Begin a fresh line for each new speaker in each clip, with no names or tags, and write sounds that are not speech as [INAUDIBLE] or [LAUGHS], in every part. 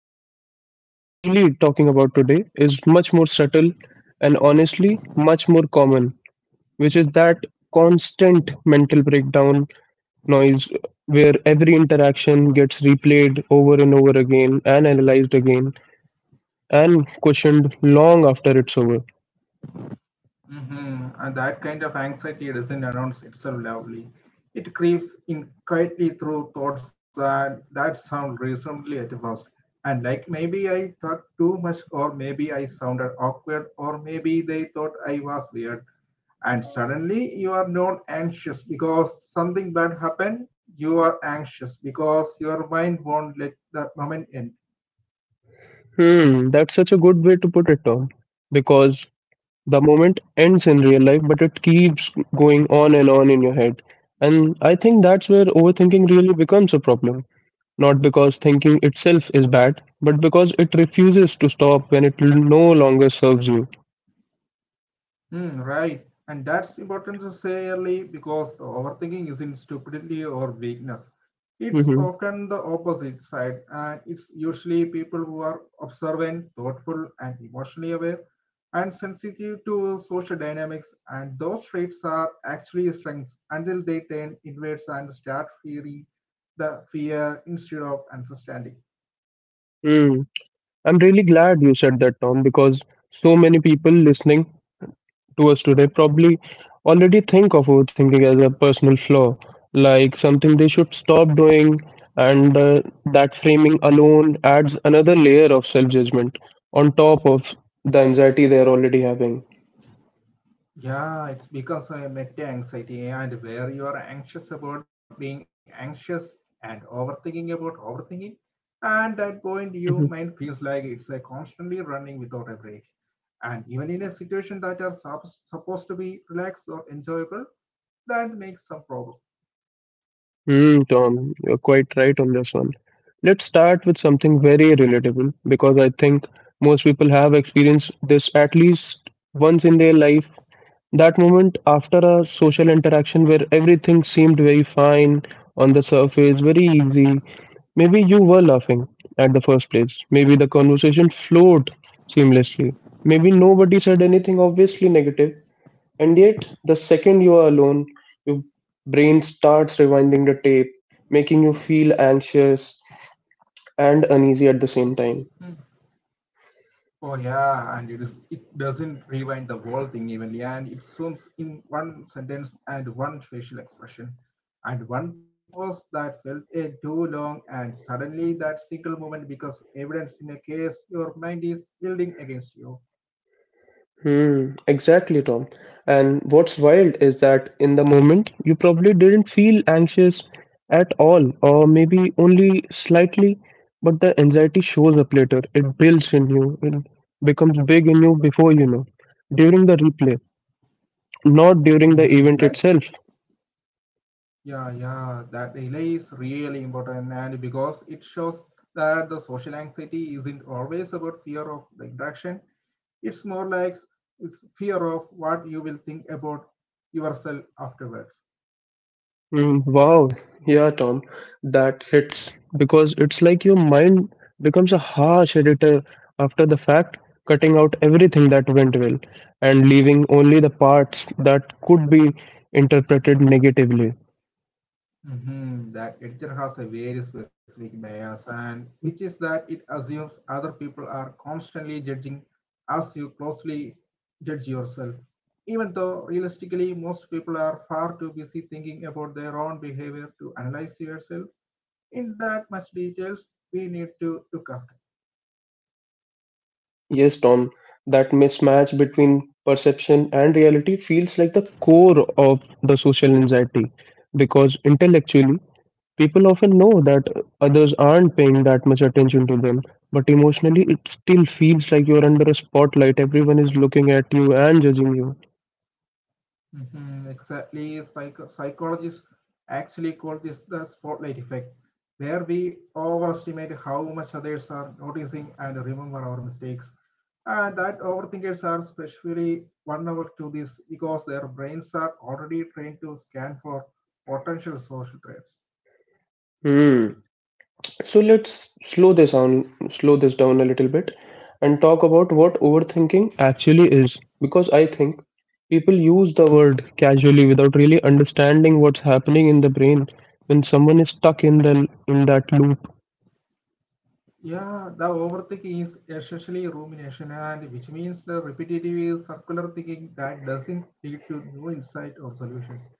But what we are really talking about today is much more subtle and honestly much more common, which is that constant mental breakdown noise where every interaction gets replayed over and over again and analyzed again and questioned long after it's over.
And that kind of anxiety doesn't announce itself loudly. It creeps in quietly through thoughts that sound reasonably at first. And like maybe I talked too much, or maybe I sounded awkward, or maybe they thought I was weird. And suddenly you are not anxious because something bad happened. You are anxious because your mind won't let that moment end.
Hmm, that's such a good way to put it, Tom. Because the moment ends in real life, but it keeps going on and on in your head. And I think that's where overthinking really becomes a problem. Not because thinking itself is bad, but because it refuses to stop when it no longer serves you.
Hmm, right. And that's important to say early because overthinking isn't stupidity or weakness. It's
Mm-hmm.
often the opposite side, and it's usually people who are observant, thoughtful, and emotionally aware, and sensitive to social dynamics. And those traits are actually strengths until they turn inwards and start fearing the fear instead of understanding.
Mm, I'm really glad you said that, Tom, because so many people listening towards today probably already think of overthinking as a personal flaw, like something they should stop doing, and that framing alone adds another layer of self judgment on top of the anxiety they are already having.
Yeah, it's because of meta anxiety and where you are anxious about being anxious and overthinking about overthinking. And that point, your
Mhm.
mind feels like it's a constantly running without a break. And even in a situation that are supposed to be relaxed or enjoyable, that makes some problem.
Mm, Tom, you're quite right on this one. Let's start with something very relatable because I think most people have experienced this at least once in their life. That moment after a social interaction where everything seemed very fine on the surface, very easy. Maybe you were laughing at the first place. Maybe the conversation flowed seamlessly. Maybe nobody said anything obviously negative. And yet, the second you are alone, your brain starts rewinding the tape, making you feel anxious and uneasy at the same time.
Oh yeah, and it is it doesn't rewind the whole thing evenly, and it zooms in one sentence and one facial expression, and one pause that felt a too long, and suddenly that single moment becomes evidence in a case your mind is building against you.
Hmm, exactly, Tom. And what's wild is that in the moment, you probably didn't feel anxious at all, or maybe only slightly, but the anxiety shows up later. It builds in you, it becomes big in you before you know, during the replay, not during the event
That
itself.
yeah that delay is really important, and because it shows that the social anxiety isn't always about fear of the interaction. It's more like it's fear of what you will think about yourself afterwards.
Mm, wow. Yeah, Tom, that hits because it's like your mind becomes a harsh editor after the fact, cutting out everything that went well and leaving only the parts that could be interpreted negatively.
Mhm. That editor has a very specific bias, and which is that it assumes other people are constantly judging as you closely judge yourself. Even though realistically, most people are far too busy thinking about their own behavior to analyze yourself in that much details we need to look after.
Yes, Tom, that mismatch between perception and reality feels like the core of the social anxiety because intellectually people often know that others aren't paying that much attention to them, but emotionally, it still feels like you're under a spotlight. Everyone is looking at you and judging you.
Mhm. Exactly. Psychologists actually call this the spotlight effect, where we overestimate how much others are noticing and remember our mistakes. And that overthinkers are especially vulnerable to this because their brains are already trained to scan for potential social threats.
Hmm. So let's slow this down a little bit, and talk about what overthinking actually is. Because I think people use the word casually without really understanding what's happening in the brain when someone is stuck in the in that loop.
Yeah, the overthinking is essentially rumination, and which means the repetitive is circular thinking that doesn't lead to new insight or solutions.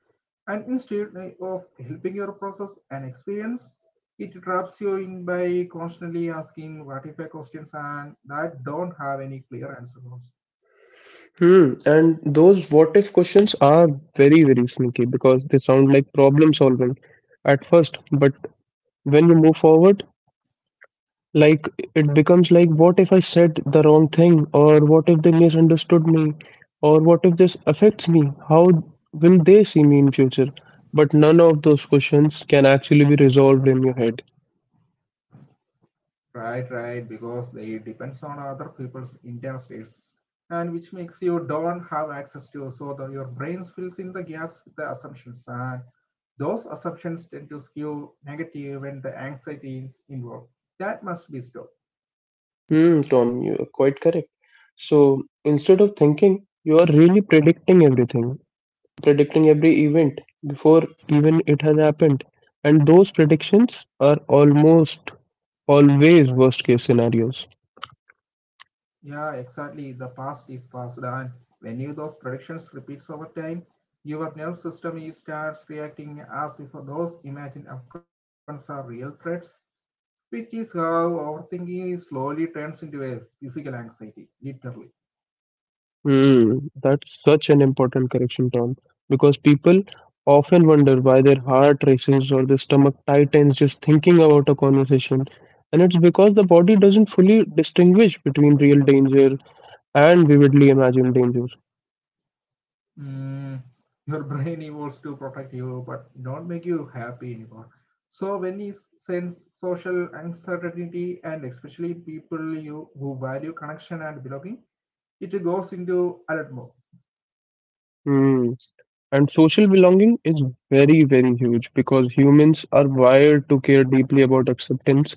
And instead of helping your process and experience, it traps you in by constantly asking what if questions and that don't have any clear answers.
Hmm. And those what if questions are very, very sneaky because they sound like problem solving at first, but when you move forward, like it becomes like, what if I said the wrong thing? Or what if they misunderstood me? Or what if this affects me? How will they see me in future? But none of those questions can actually be resolved in your head.
Right, because they depends on other people's internal states and which makes you don't have access to so that your brain fills in the gaps with the assumptions and those assumptions tend to skew negative when the anxiety is involved. That must be stopped.
Hmm, Tom, you are quite correct. So instead of thinking, you are really predicting every event before even it has happened. And those predictions are almost always worst case scenarios.
Yeah, exactly. The past is past, and when you those predictions repeats over time, your nervous system is starts reacting as if those imagined outcomes are real threats, which is how overthinking is slowly turns into a physical anxiety, literally.
Hmm, that's such an important correction, Tom, because people often wonder why their heart races or their stomach tightens just thinking about a conversation. And it's because the body doesn't fully distinguish between real danger and vividly imagined danger.
Mm, your [LAUGHS] brain evolves to protect you, but don't make you happy anymore. So when you sense social uncertainty, and especially people you who value connection and belonging, it goes into alert mode.
Hmm. And social belonging is very, very huge because humans are wired to care deeply about acceptance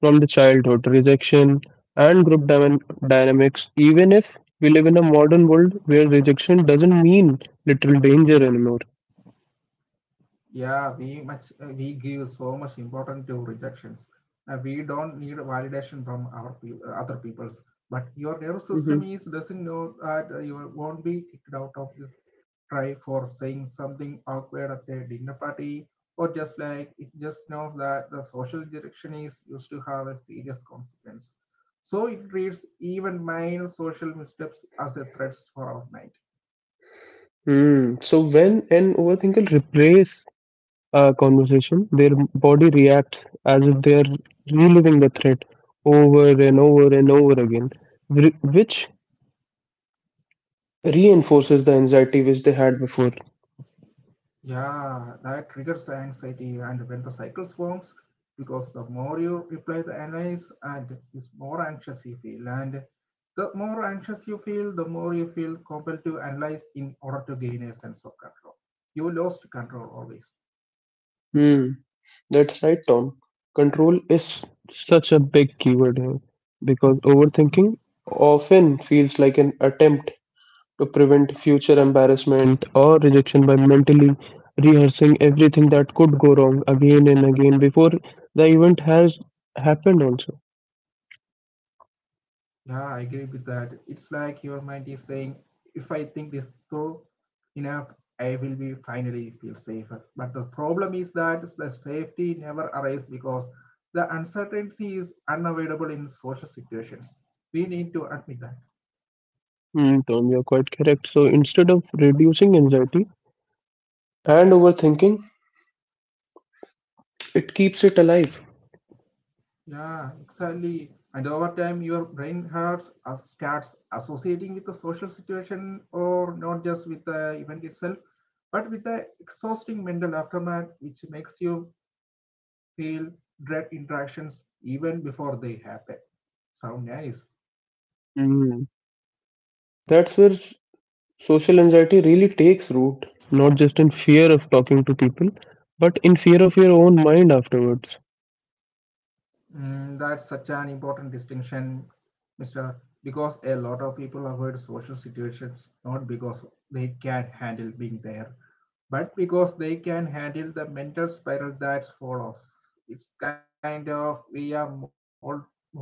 from the childhood, rejection, and group dynamics, even if we live in a modern world where rejection doesn't mean literal danger anymore.
Yeah, we much we give so much importance to rejections. We don't need validation from our other peoples, but your nervous
Hmm.
system is doesn't know that you won't be kicked out of this try for saying something awkward at a dinner party, or just like it just knows that the social rejection is used to have a serious consequence, so it treats even minor social missteps as a threat for our mind.
Mm. So when an overthinker replays a conversation, their body reacts as if they are reliving the threat over and over and over again, which reinforces the anxiety which they had before.
Yeah, that triggers the anxiety, and when the cycle forms, because the more you reply the analyze, and is more anxious you feel, and the more anxious you feel, the more you feel compelled to analyze in order to gain a sense of control. You lost control always.
Hmm, that's right, Tom. Control is such a big keyword here because overthinking often feels like an attempt to prevent future embarrassment or rejection by mentally rehearsing everything that could go wrong again and again before the event has happened, also.
Yeah, I agree with that. It's like your mind is saying, if I think this through enough, I will be finally feel safer. But the problem is that the safety never arrives because the uncertainty is unavoidable in social situations. We need to admit that.
Hmm, Tom, you're quite correct. So instead of reducing anxiety and overthinking, it keeps it alive.
Yeah, exactly. And over time, your brain hurts starts associating with the social situation, or not just with the event itself, but with the exhausting mental aftermath, which makes you feel dread interactions even before they happen. Sound nice?
Hmm. That's where social anxiety really takes root, not just in fear of talking to people, but in fear of your own mind afterwards.
Mm, that's such an important distinction, Mister. Because a lot of people avoid social situations not because they can't handle being there, but because they can handle the mental spiral that follows. It's kind of we are more into that.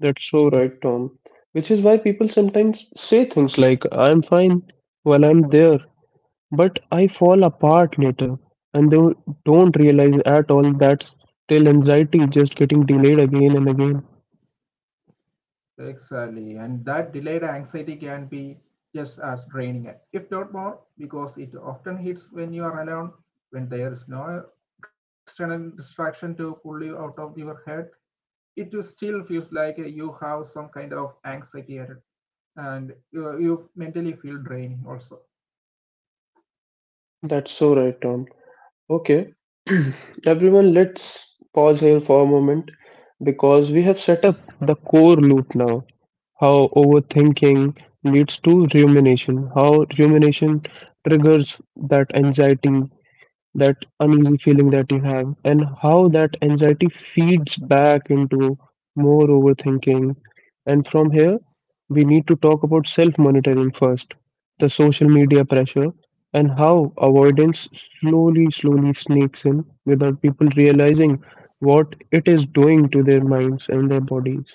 That's so right, Tom. Which is why people sometimes say things like, I'm fine while I'm there, but I fall apart later. And they don't realize at all that's still anxiety just getting delayed again and again.
Exactly, and that delayed anxiety can be just as draining, if not more, because it often hits when you are alone, when there is no external distraction to pull you out of your head. It is- still feels like you have some kind of anxiety at it, and you mentally feel draining also.
That's so right, Tom. Okay, [CLEARS THROAT] everyone, let's pause here for a moment because we have set up the core loop now. How overthinking leads to rumination, how rumination triggers that anxiety, that uneasy feeling that you have, and how that anxiety feeds back into more overthinking. And from here, we need to talk about self monitoring first, the social media pressure, and how avoidance slowly, slowly sneaks in without people realizing what it is doing to their minds and their bodies.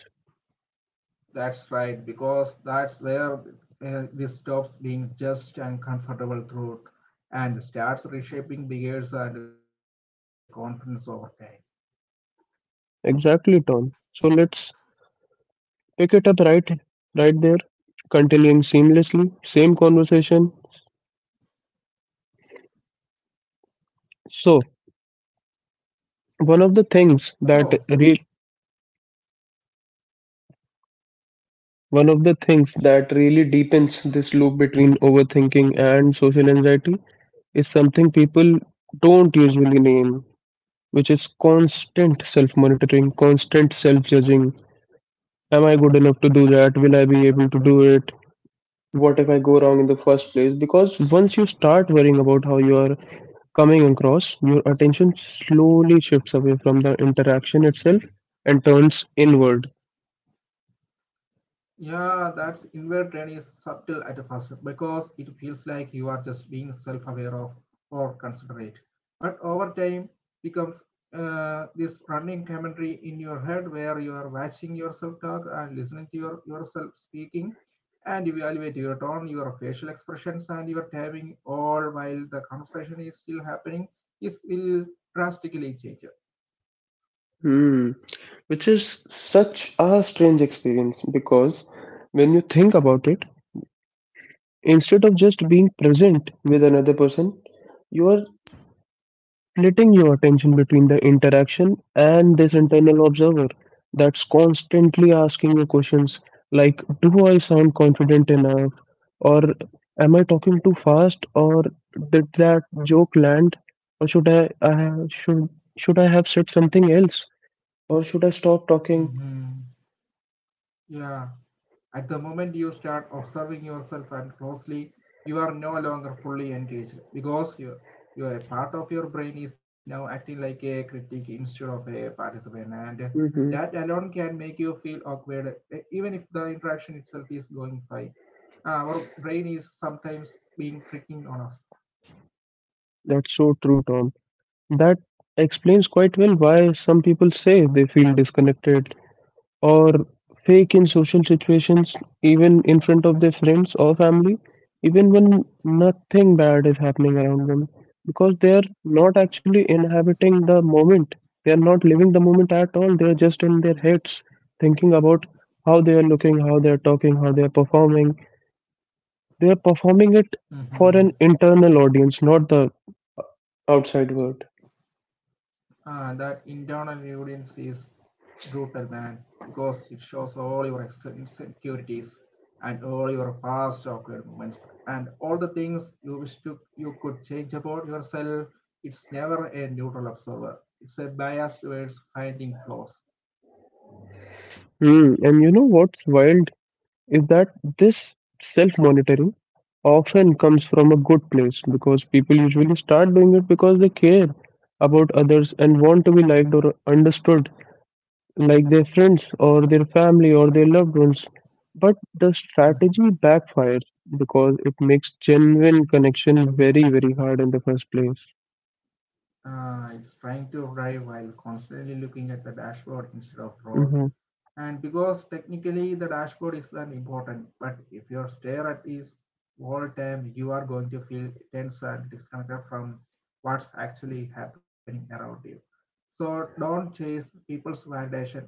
That's right, because that's where this stops being just and comfortable throughout and starts reshaping behaviors and confidence over time.
Exactly, Tom. So let's pick it up right there, continuing seamlessly, same conversation. So, One of the things
So,
that re- one of the things that really deepens this loop between overthinking and social anxiety is something people don't usually name, which is constant self-monitoring, constant self-judging. Am I good enough to do that? Will I be able to do it? What if I go wrong in the first place? Because once you start worrying about how you are coming across, your attention slowly shifts away from the interaction itself and turns inward.
yeah, that's inward training is subtle at first because it feels like you are just being self-aware of or considerate. But over time becomes this running commentary in your head where you are watching yourself talk and listening to yourself speaking and evaluate your tone, your facial expressions and your timing all while the conversation is still happening is will drastically change.
Hmm, which is such a strange experience because when you think about it, instead of just being present with another person, you are splitting your attention between the interaction and this internal observer that's constantly asking you questions like, do I sound confident enough? Or am I talking too fast? Or did that joke land? Or should I have said something else? Or should I stop talking?
Mhm. Yeah. At the moment you start observing yourself and closely, you are no longer fully engaged because your part of your brain is now acting like a critic instead of a participant and that
Hmm,
alone can make you feel awkward even if the interaction itself is going fine. Our brain is sometimes being tricking on us.
that's so true, Tom. That explains quite well why some people say they feel disconnected or fake in social situations, even in front of their friends or family, even when nothing bad is happening around them, because they are not actually inhabiting the moment. They are not living the moment at all. They are just in their heads thinking about how they are looking, how they are talking, how they are performing. They are performing it for
Mhm.
an internal audience, not the outside world.
That internal audience is brutal, man, because it shows all your insecurities and all your past awkward moments and all the things you wish to you could change about yourself. It's never a neutral observer, it's a bias towards finding flaws.
Hmm, and you know what's wild, is that this self monitoring often comes from a good place because people usually start doing it because they care about others and want to be liked or understood, like their friends or their family or their loved ones. But the
Mhm.
strategy backfires because it makes genuine connection very very hard in the first place.
It's trying to drive while constantly looking at the dashboard instead of road,
Hmm,
and because technically the dashboard is an important but if your stare at is all time you are going to feel tense and disconnected from what's actually happening around you. So don't chase people's validations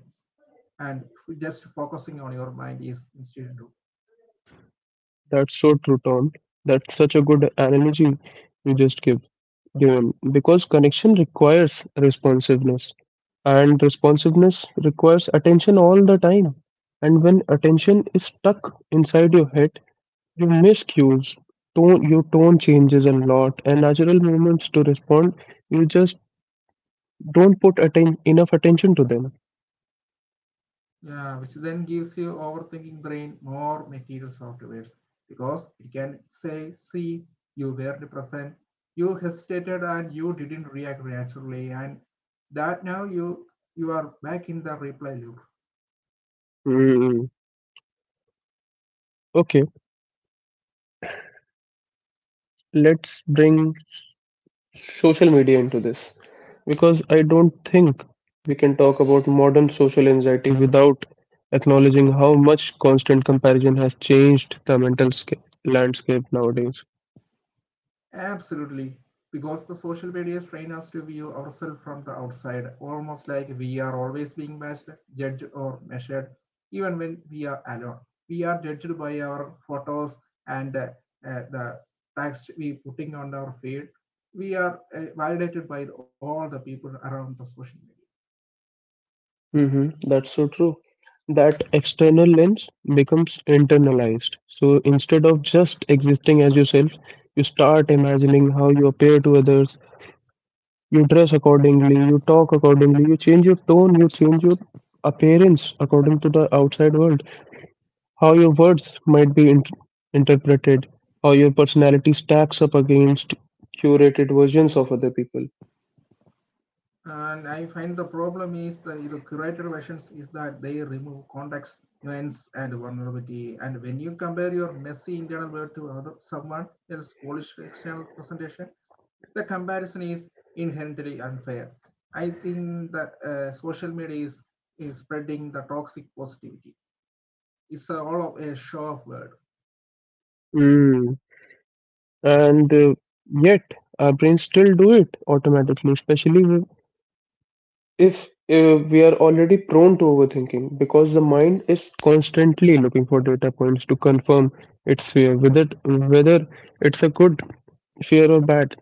and just focusing on your mind is instead.
that's so true, Tom. That's such a good analogy you just give, dual, because connection requires responsiveness and responsiveness requires attention all the time. And when attention is stuck inside your head, you miss cues, tone your tone changes a lot, and natural movements to respond, you just don't put enough attention to them.
Yeah, which then gives your overthinking brain more materials afterwards because it can say, see, you weren't present, you hesitated and you didn't react naturally, and that now you are back in the replay loop.
Hmm. Okay, let's bring social media into this because I don't think we can talk about modern social anxiety without acknowledging how much constant comparison has changed the mental landscape nowadays.
Absolutely. Because the social media train us to view ourselves from the outside, almost like we are always being matched, judged, or measured, even when we are alone. We are judged by our photos and the text we putting on our feed. We are validated by all the people around the social media.
Hmm, that's so true. That external lens becomes internalized. So instead of just existing as yourself, you start imagining how you appear to others, you dress accordingly, you talk accordingly, you change your tone, you change your appearance according to the outside world. How your words might be interpreted, how your personality stacks up against curated versions of other people.
And I find the problem is the you curated versions is that they remove context nuance and vulnerability and when you compare your messy internal world to other someone else's polished external presentation the comparison is inherently unfair. I think that social media is spreading the toxic positivity. It's a, all of a show of word.
Mm. And yet, our brains still do it automatically, especially if we are already prone to overthinking, because the mind is constantly looking for data points to confirm its fear, whether it's a good fear or bad.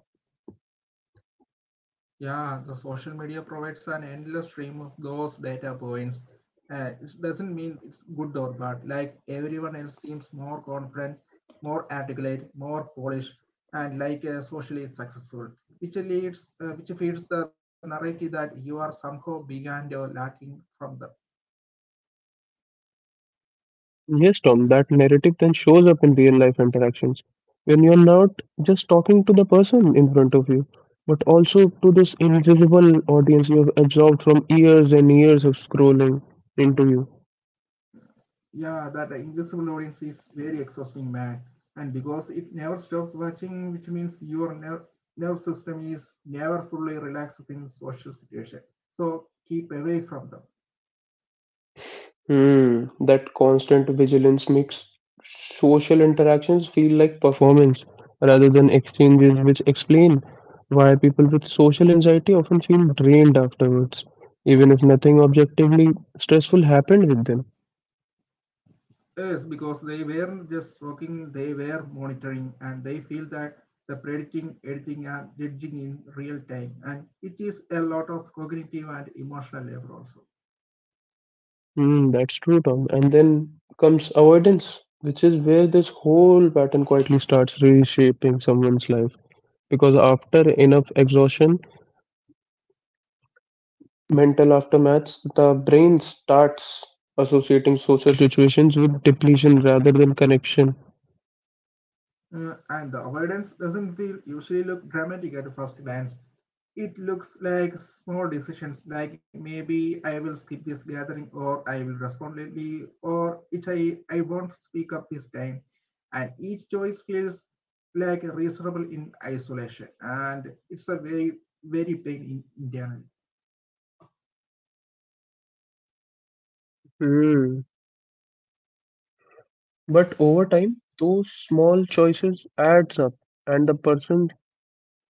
Yeah, the social media provides an endless stream of those data points. It doesn't mean it's good or bad. Like everyone else seems more confident, more articulate, more polished, and like socially successful, which leads, which feeds the narrative that you are somehow big and you're lacking from the.
Yes, Tom, that narrative then shows up in real life interactions when you're not just talking to the person in front of you, but also to this invisible audience you've absorbed from years and years of scrolling into you.
Yeah, that invisible audience is very exhausting, man. And because it never stops watching, which means your nerve system is never fully relaxed in social situation. So keep away from them.
Hmm, that constant vigilance makes social interactions feel like performance rather than exchanges, which explain why people with social anxiety often feel drained afterwards, even if nothing objectively stressful happened with them.
Yes, because they weren't just working, they were monitoring, and they feel that the predicting, editing, and judging in real time, and it is a lot of cognitive and emotional labor also.
Hmm, that's true, Tom. And then comes avoidance, which is where this whole pattern quietly starts reshaping someone's life. Because after enough exhaustion, mental aftermaths, the brain starts associating social situations with depletion rather than connection.
And the avoidance doesn't feel usually look dramatic at first glance. It looks like small decisions, like maybe I will skip this gathering, or I will respond lately, or it I won't speak up this time. And each choice feels like reasonable in isolation, and it's a very, very pain in, internally.
Hmm. But over time, those small choices adds up, and the person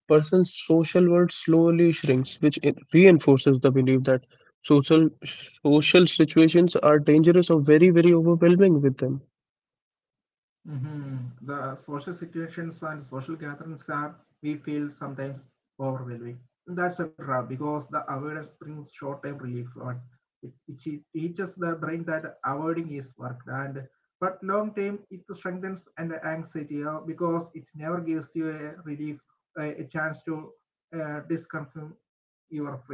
person's social world slowly shrinks, which it reinforces the belief that social situations are dangerous or very, very overwhelming with them.
Mm-hmm. The social situations and social gatherings are, we feel sometimes overwhelming. That's a draw because the awareness brings short time relief, but it teaches the brain that avoiding is work. And but long term, it strengthens and anxiety because it never gives you a relief, a chance to disconfirm your fears.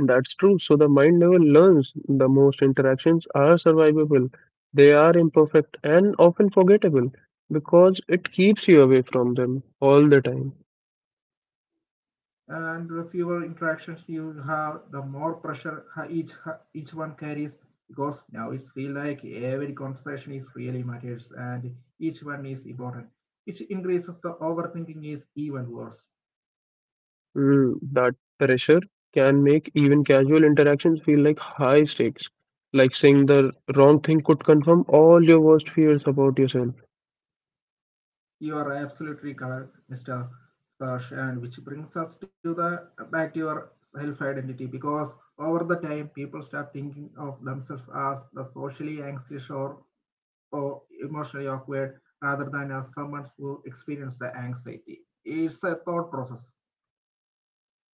That's true. So the mind never learns the most interactions are survivable. They are imperfect and often forgettable because it keeps you away from them all the time.
And the fewer interactions you have, the more pressure each one carries. Because now it's feel like every conversation is really matters, and each one is important, which increases the overthinking is even worse.
That pressure can make even casual interactions feel like high stakes, like saying the wrong thing could confirm all your worst fears about yourself.
You are absolutely correct, Mr. Sparsh, and which brings us to the back to your self-identity because over the time people start thinking of themselves as the socially anxious or emotionally awkward rather than as someone who experienced the anxiety. It's a thought process.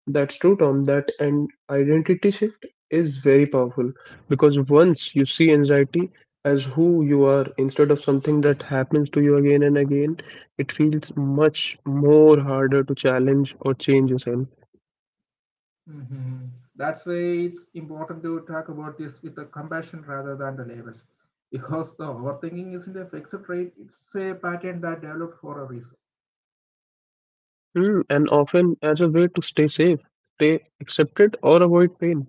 That's true, Tom. That and identity shift is very powerful because once you see anxiety as who you are instead of something that happens to you again and again, it feels much more harder to challenge or change yourself.
Mm-hmm. That's why it's important to talk about this with the compassion rather than the labels. Because the overthinking isn't a fixed trait, it's a pattern that developed for a reason.
Hmm, and often as a way to stay safe, stay accepted, or avoid pain.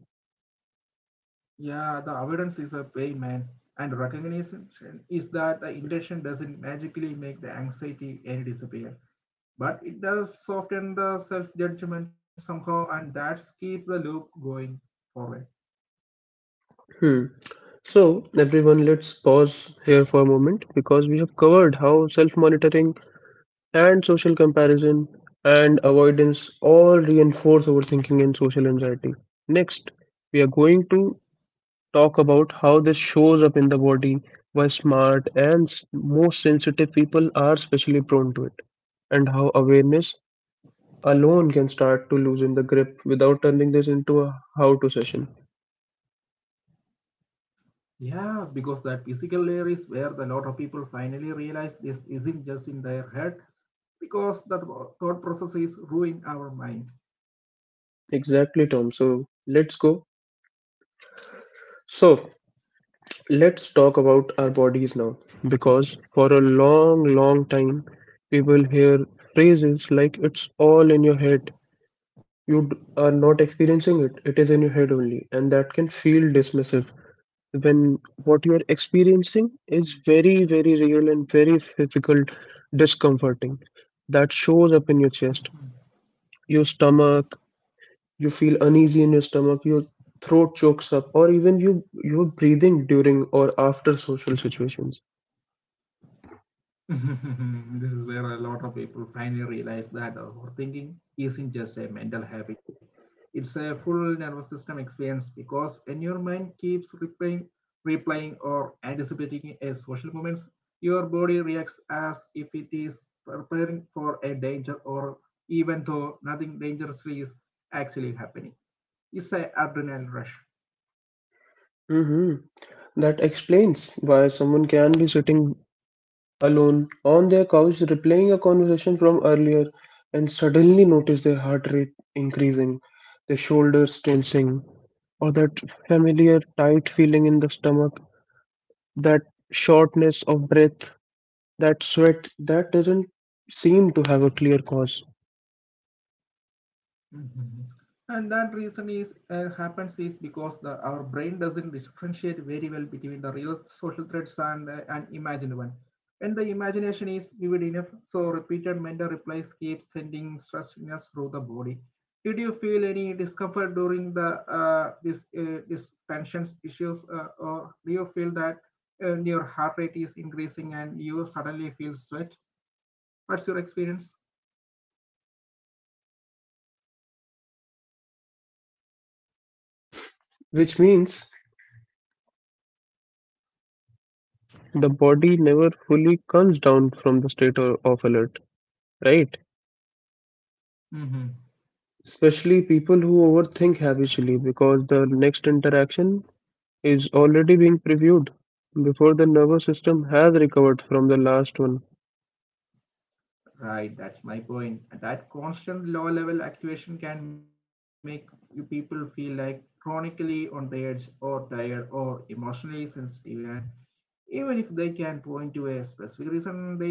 Yeah, the avoidance is a pain, man. And recognition is that the intention doesn't magically make the anxiety any disappear. But it does soften the self-judgment somehow and that's keep the loop going forward.
Hmm. So, everyone, let's pause here for a moment because we have covered how self monitoring and social comparison and avoidance all reinforce overthinking and social anxiety. Next, we are going to talk about how this shows up in the body, why smart and most sensitive people are especially prone to it, and how awareness alone can start to loosen the grip without turning this into a how to session.
Yeah, because that physical layer is where the lot of people finally realize this isn't just in their head because that thought process is ruining our mind.
Exactly, Tom. So let's go. So, let's talk about our bodies now, because for a long, long time, we will hear phrases like it's all in your head. You are not experiencing it, it is in your head only, and that can feel dismissive when what you are experiencing is very, very real and very physical, discomforting. That shows up in your chest,
Mhm.
your stomach, you feel uneasy in your stomach, your throat chokes up, or even you're breathing during or after social situations.
[LAUGHS] This is where a lot of people finally realize that overthinking isn't just a mental habit. It's a full nervous system experience because when your mind keeps replaying or anticipating a social moment, your body reacts as if it is preparing for a danger or even though nothing dangerously is actually happening. It's an adrenaline rush.
Mhm. That explains why someone can be sitting alone on their couch replaying a conversation from earlier and suddenly notice their heart rate increasing, their shoulders tensing, or that familiar tight feeling in the stomach, that shortness of breath, that sweat that doesn't seem to have a clear cause,
Mhm. And that reason is happens is because the our brain doesn't differentiate very well between the real social threats and an imagined one. When the imagination is vivid enough, so repeated mental replies keep sending stress signals through the body. Did you feel any discomfort during the this this tensions issues, or do you feel that your heart rate is increasing and you suddenly feel sweat? What's your experience?
which means the body never fully comes down from the state of alert, right? Especially people who overthink habitually because the next interaction is already being previewed before the nervous system has recovered from the last one.
Right, that's my point. That constant low level activation can make you people feel like chronically on the edge or tired or emotionally sensitive. And even if they can point to a specific reason, they feel like that way.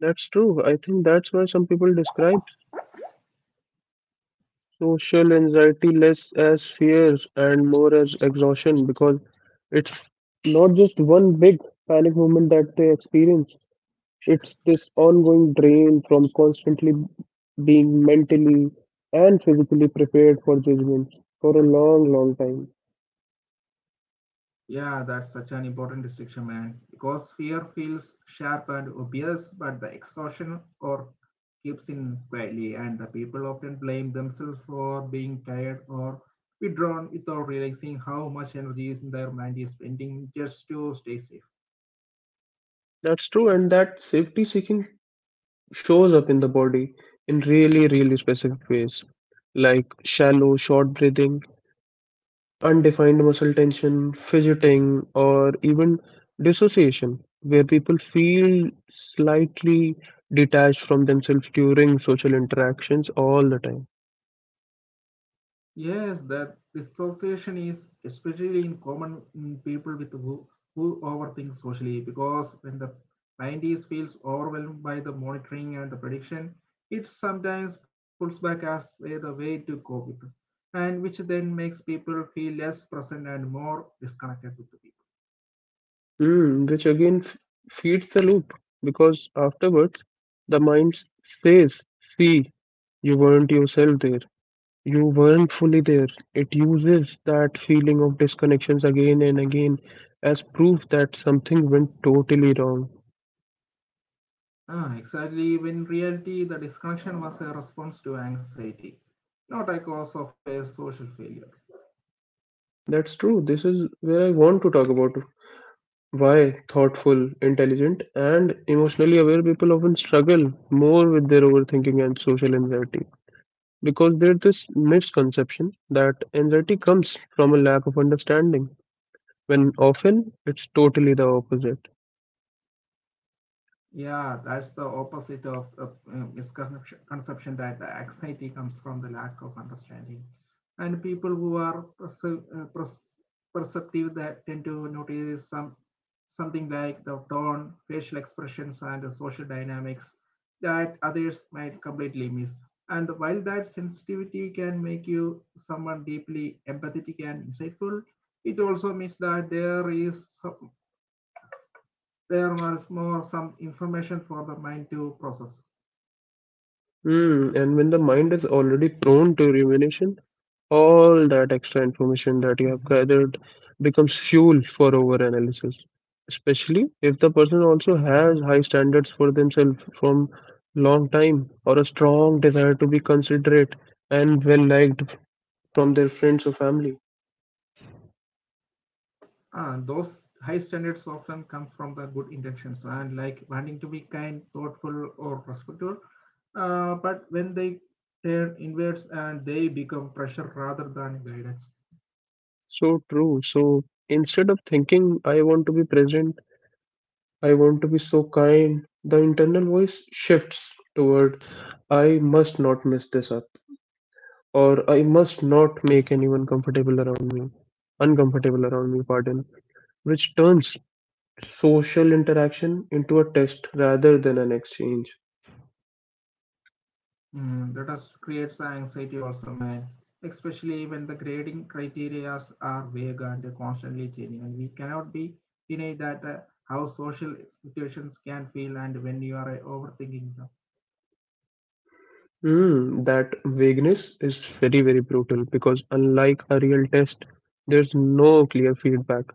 That's true. I think that's why some people describe social anxiety less as fear and more as exhaustion because it's not just one big panic moment that they experience. It's this ongoing drain from constantly being mentally and physically prepared for judgment for a long, long time.
Yeah, that's such an important distinction, man. Because fear feels sharp and obvious, but the exhaustion or keeps in quietly, and the people often blame themselves for being tired or withdrawn without realizing how much energy is in their mind is spending just to stay safe.
That's true, and that safety seeking shows up in the body in really, really specific ways, like shallow, short breathing, undefined muscle tension, fidgeting, or even dissociation, where people feel slightly detached from themselves during social interactions all the time.
Yes, that dissociation is especially in common in people who overthink socially because when the scientist feels overwhelmed by the monitoring and the prediction, it sometimes pulls back as way the way to cope with, and which then makes people feel less present and more disconnected with the people.
Mm, which again feeds the loop because afterwards the mind says, "See, you weren't yourself there. You weren't fully there." It uses that feeling of disconnections again and again as proof that something went totally wrong.
Ah, exactly. When reality, the disconnection was a response to anxiety, not a cause of a social failure.
That's true. This is where I want to talk about why thoughtful, intelligent, and emotionally aware people often struggle more with their overthinking and social anxiety, because there's this misconception that anxiety comes from a lack of understanding, when often it's totally the opposite.
Yeah, that's the opposite of the misconception conception that the anxiety comes from the lack of understanding. And people who are uh, perce- perceptive that tend to notice something like the tone, facial expressions, and the social dynamics that others might completely miss. And while that sensitivity can make you someone deeply empathetic and insightful, it also means that there was more some information for the mind to process.
Mm, and when the mind is already prone to rumination, all that extra
Mm-hmm.
information that you have gathered becomes fuel for overanalysis, especially if the person
Mm-hmm.
also has high standards for themselves from long time or a strong desire to be considerate and well liked from their friends or family.
And those high standards often come from the good intentions and like wanting to be kind, thoughtful, or respectful. But when they turn inwards and they become pressure rather than guidance.
So true. So instead of thinking, I want to be present, I want to be so kind, the internal voice shifts toward, I must not mess this up, or I must not make anyone comfortable around me, uncomfortable around me, pardon, which turns social interaction into a test rather than an exchange.
Mm, that us creates anxiety also, man. Especially when the grading criteria are vague and constantly changing, and we cannot be denied that how social situations can feel and when you are overthinking them.
Mm, that vagueness is very, very brutal because unlike a real test, there's no clear feedback,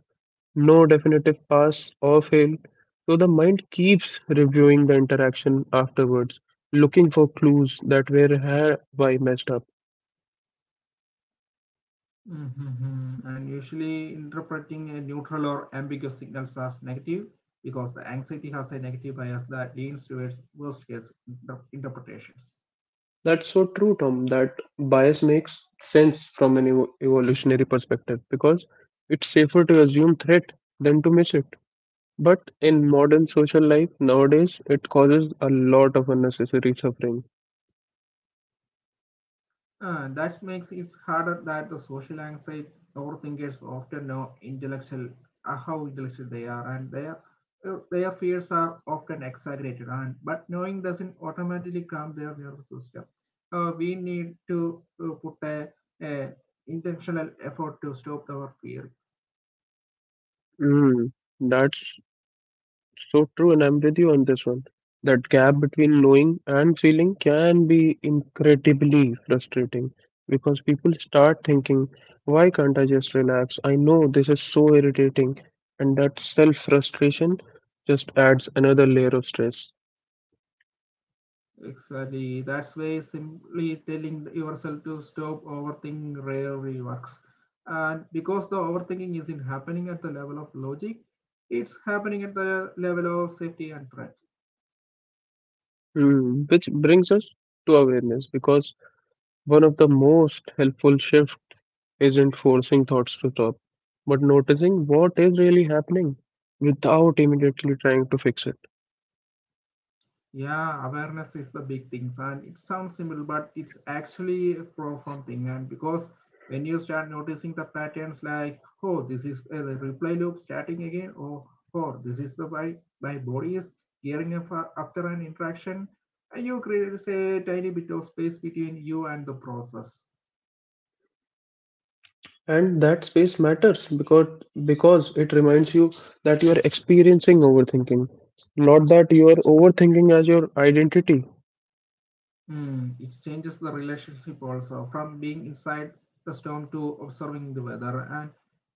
no definitive pass or fail, so the mind keeps reviewing the interaction afterwards, looking for clues that where have why messed up.
Mhm. And usually interpreting a neutral or ambiguous signals as negative because the anxiety has a negative bias that leans towards worst case interpretations.
That's so true, Tom, that bias makes sense from an evolutionary perspective because it's safer to assume threat than to miss it. But in modern social life nowadays, it causes a lot of unnecessary suffering.
That makes it harder that the social anxiety thinkers often know intellectual how intellectual they are and their fears are often exaggerated and but knowing doesn't automatically calm their nervous system. We need to put a intentional effort to stop our fear.
Mm, that's so true, and I'm with you on this one. That gap between knowing and feeling can be incredibly frustrating because people start thinking, why can't I just relax? I know this is so irritating, and that self frustration just adds another layer of stress.
Exactly. That's why simply telling yourself to stop overthinking rarely works. And because the overthinking isn't happening at the level of logic, it's happening at the level of safety and threat.
Hmm, which brings us to awareness because one of the most helpful shifts isn't forcing thoughts to stop, but noticing what is really happening without immediately trying to fix it.
Yeah, awareness is the big thing, and it sounds simple, but it's actually a profound thing. And because when you start noticing the patterns, like oh, this is a reply loop starting again, or oh, this is the my my body is gearing up after an interaction, and you create a tiny bit of space between you and the process.
And that space matters because it reminds you that you are experiencing overthinking, not that you are overthinking as your identity.
Mm, it changes the relationship also from being inside the storm to observing the weather. And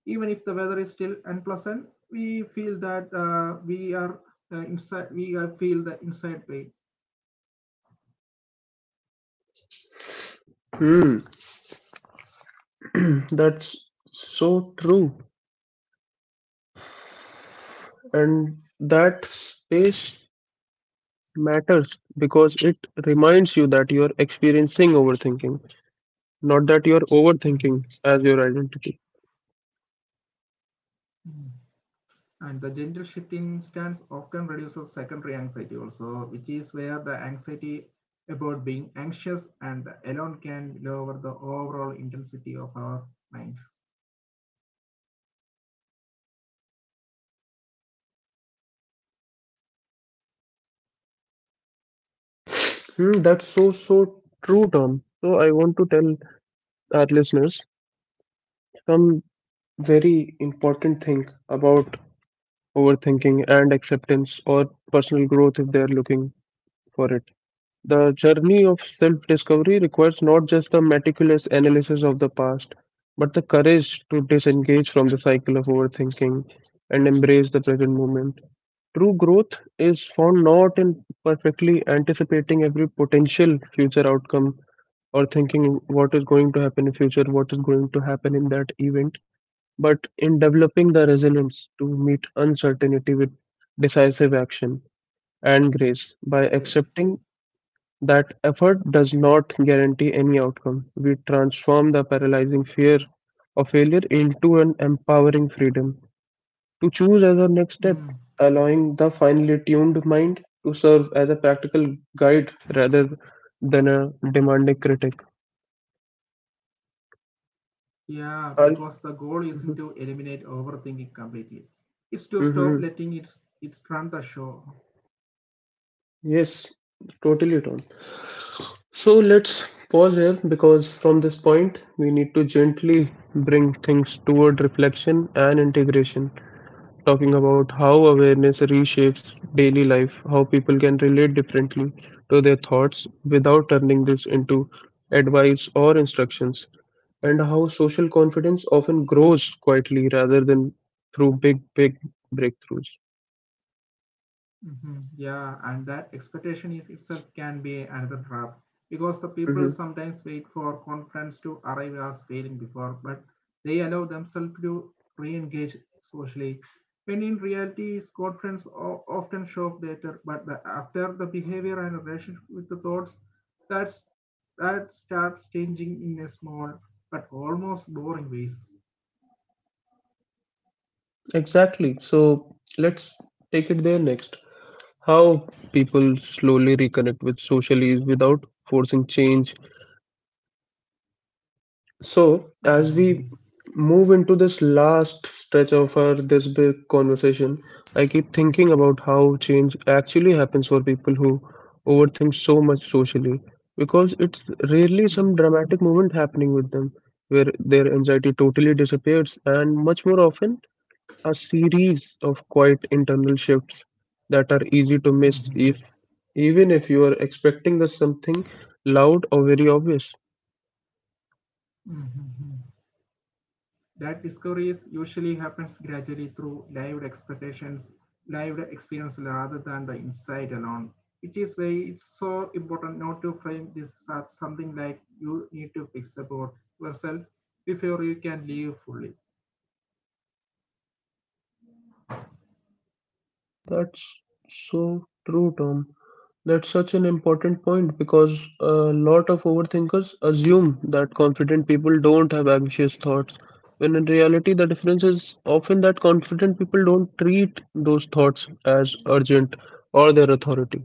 even if the weather is still unpleasant, we feel that we are inside. We are feel the inside pain.
Hmm, [CLEARS THROAT] that's so true, and that space matters because it reminds you that you are experiencing overthinking, not that you are
Mhm.
overthinking as your identity.
Mm. And the gentle shift in stance often reduces secondary anxiety also, which is where the anxiety about being anxious and alone can lower the overall intensity of our mind.
[SIGHS] Hmm, that's so so true, Tom. So I want to tell our listeners some very important thing about overthinking, and acceptance or personal growth if they are looking for it. The journey of self discovery requires not just the meticulous analysis of the past, but the courage to disengage from the cycle of overthinking and embrace the present moment. True growth is found not in perfectly anticipating every potential future outcome or thinking what is going to happen in future, what is going to happen in that event, but in developing the resilience to meet uncertainty with decisive action and grace by
Yeah.
accepting that effort does not guarantee any outcome. We transform the paralyzing fear of failure into an empowering freedom to choose as our next step,
Mm.
allowing the finely tuned mind to serve as a practical guide rather than a demanding critic.
Yeah, because the goal
And,
isn't to eliminate overthinking completely. It's to stop letting it,
hmm,
it run the show.
yes, totally, Tom. So let's pause here because from this point we need to gently bring things toward reflection and integration, talking about how awareness reshapes daily life, how people can relate differently to their thoughts without turning this into advice or instructions, and how social confidence often grows quietly rather than through big, big breakthroughs.
Hmm. Yeah, and that expectation is itself can be another trap because the people
Hmm.
sometimes wait for conference to arrive as failing before, but they allow themselves to re-engage socially. When in reality, is conference often show up later, but the, after the behavior and relationship with the thoughts, that's that starts changing in a small but almost boring ways.
Exactly. So let's take it there next. How people slowly reconnect with socialies without forcing change. So,
Hmm.
as we move into this last stretch of our this big conversation, I keep thinking about how change actually happens for people who overthink so much socially because it's rarely some dramatic movement happening with them where their anxiety totally disappears, and much more often a series of quiet internal shifts that are easy to miss if
Hmm.
even if you are expecting the something loud or very obvious.
Hmm. Hmm. That discovery is usually happens gradually through lived expectations, lived experience rather than the insight alone. Which is why it's so important not to frame this as something like you need to fix about yourself before you can live fully.
That's so true, Tom. That's such an important point because a lot of overthinkers assume that confident people don't have anxious thoughts, when in reality, the difference is often that confident people don't treat those thoughts as urgent or their authority.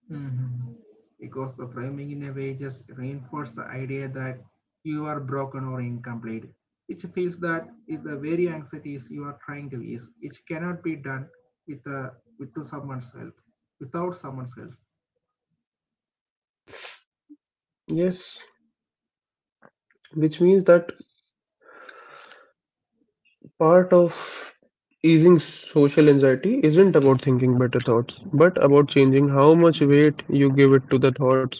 Mhm. Because the framing in a way just reinforces the idea that you are broken or incomplete, which feels that is the very anxieties you are trying to ease, which cannot be done with the with someone's help, without someone's help.
Yes, which means that part of easing social anxiety isn't about thinking better thoughts, but about changing how much
Mm.
weight you give it to the thoughts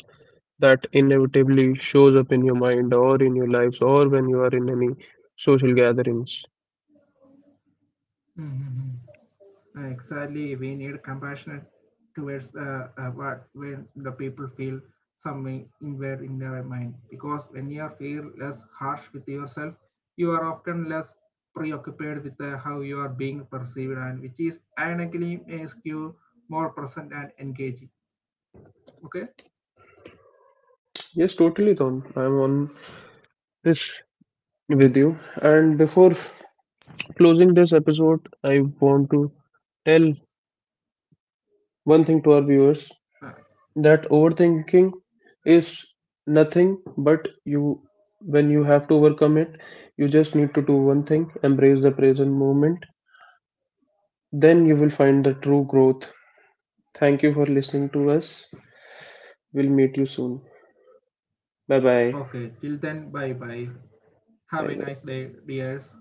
that inevitably shows up in your mind or in your lives or when you are in any social gatherings.
Mhm. Exactly we need compassion towards the what when the people feel something inward in their mind. Because when you feel less harsh with yourself, you are often less preoccupied with how you are being perceived, and which is ironically makes you more present and engaging. Okay.
Yes, totally, Tom. I'm on this with you. And before closing this episode, I want to tell one thing to our viewers.
Uh,
That overthinking is nothing but you. When you have to overcome it, you just need to do one thing, embrace the present moment. Then you will find the true growth. Thank you for listening to us. We'll meet you soon. Bye bye.
okay. Till then, bye bye. Have
Bye
a
bye.
nice day, dears.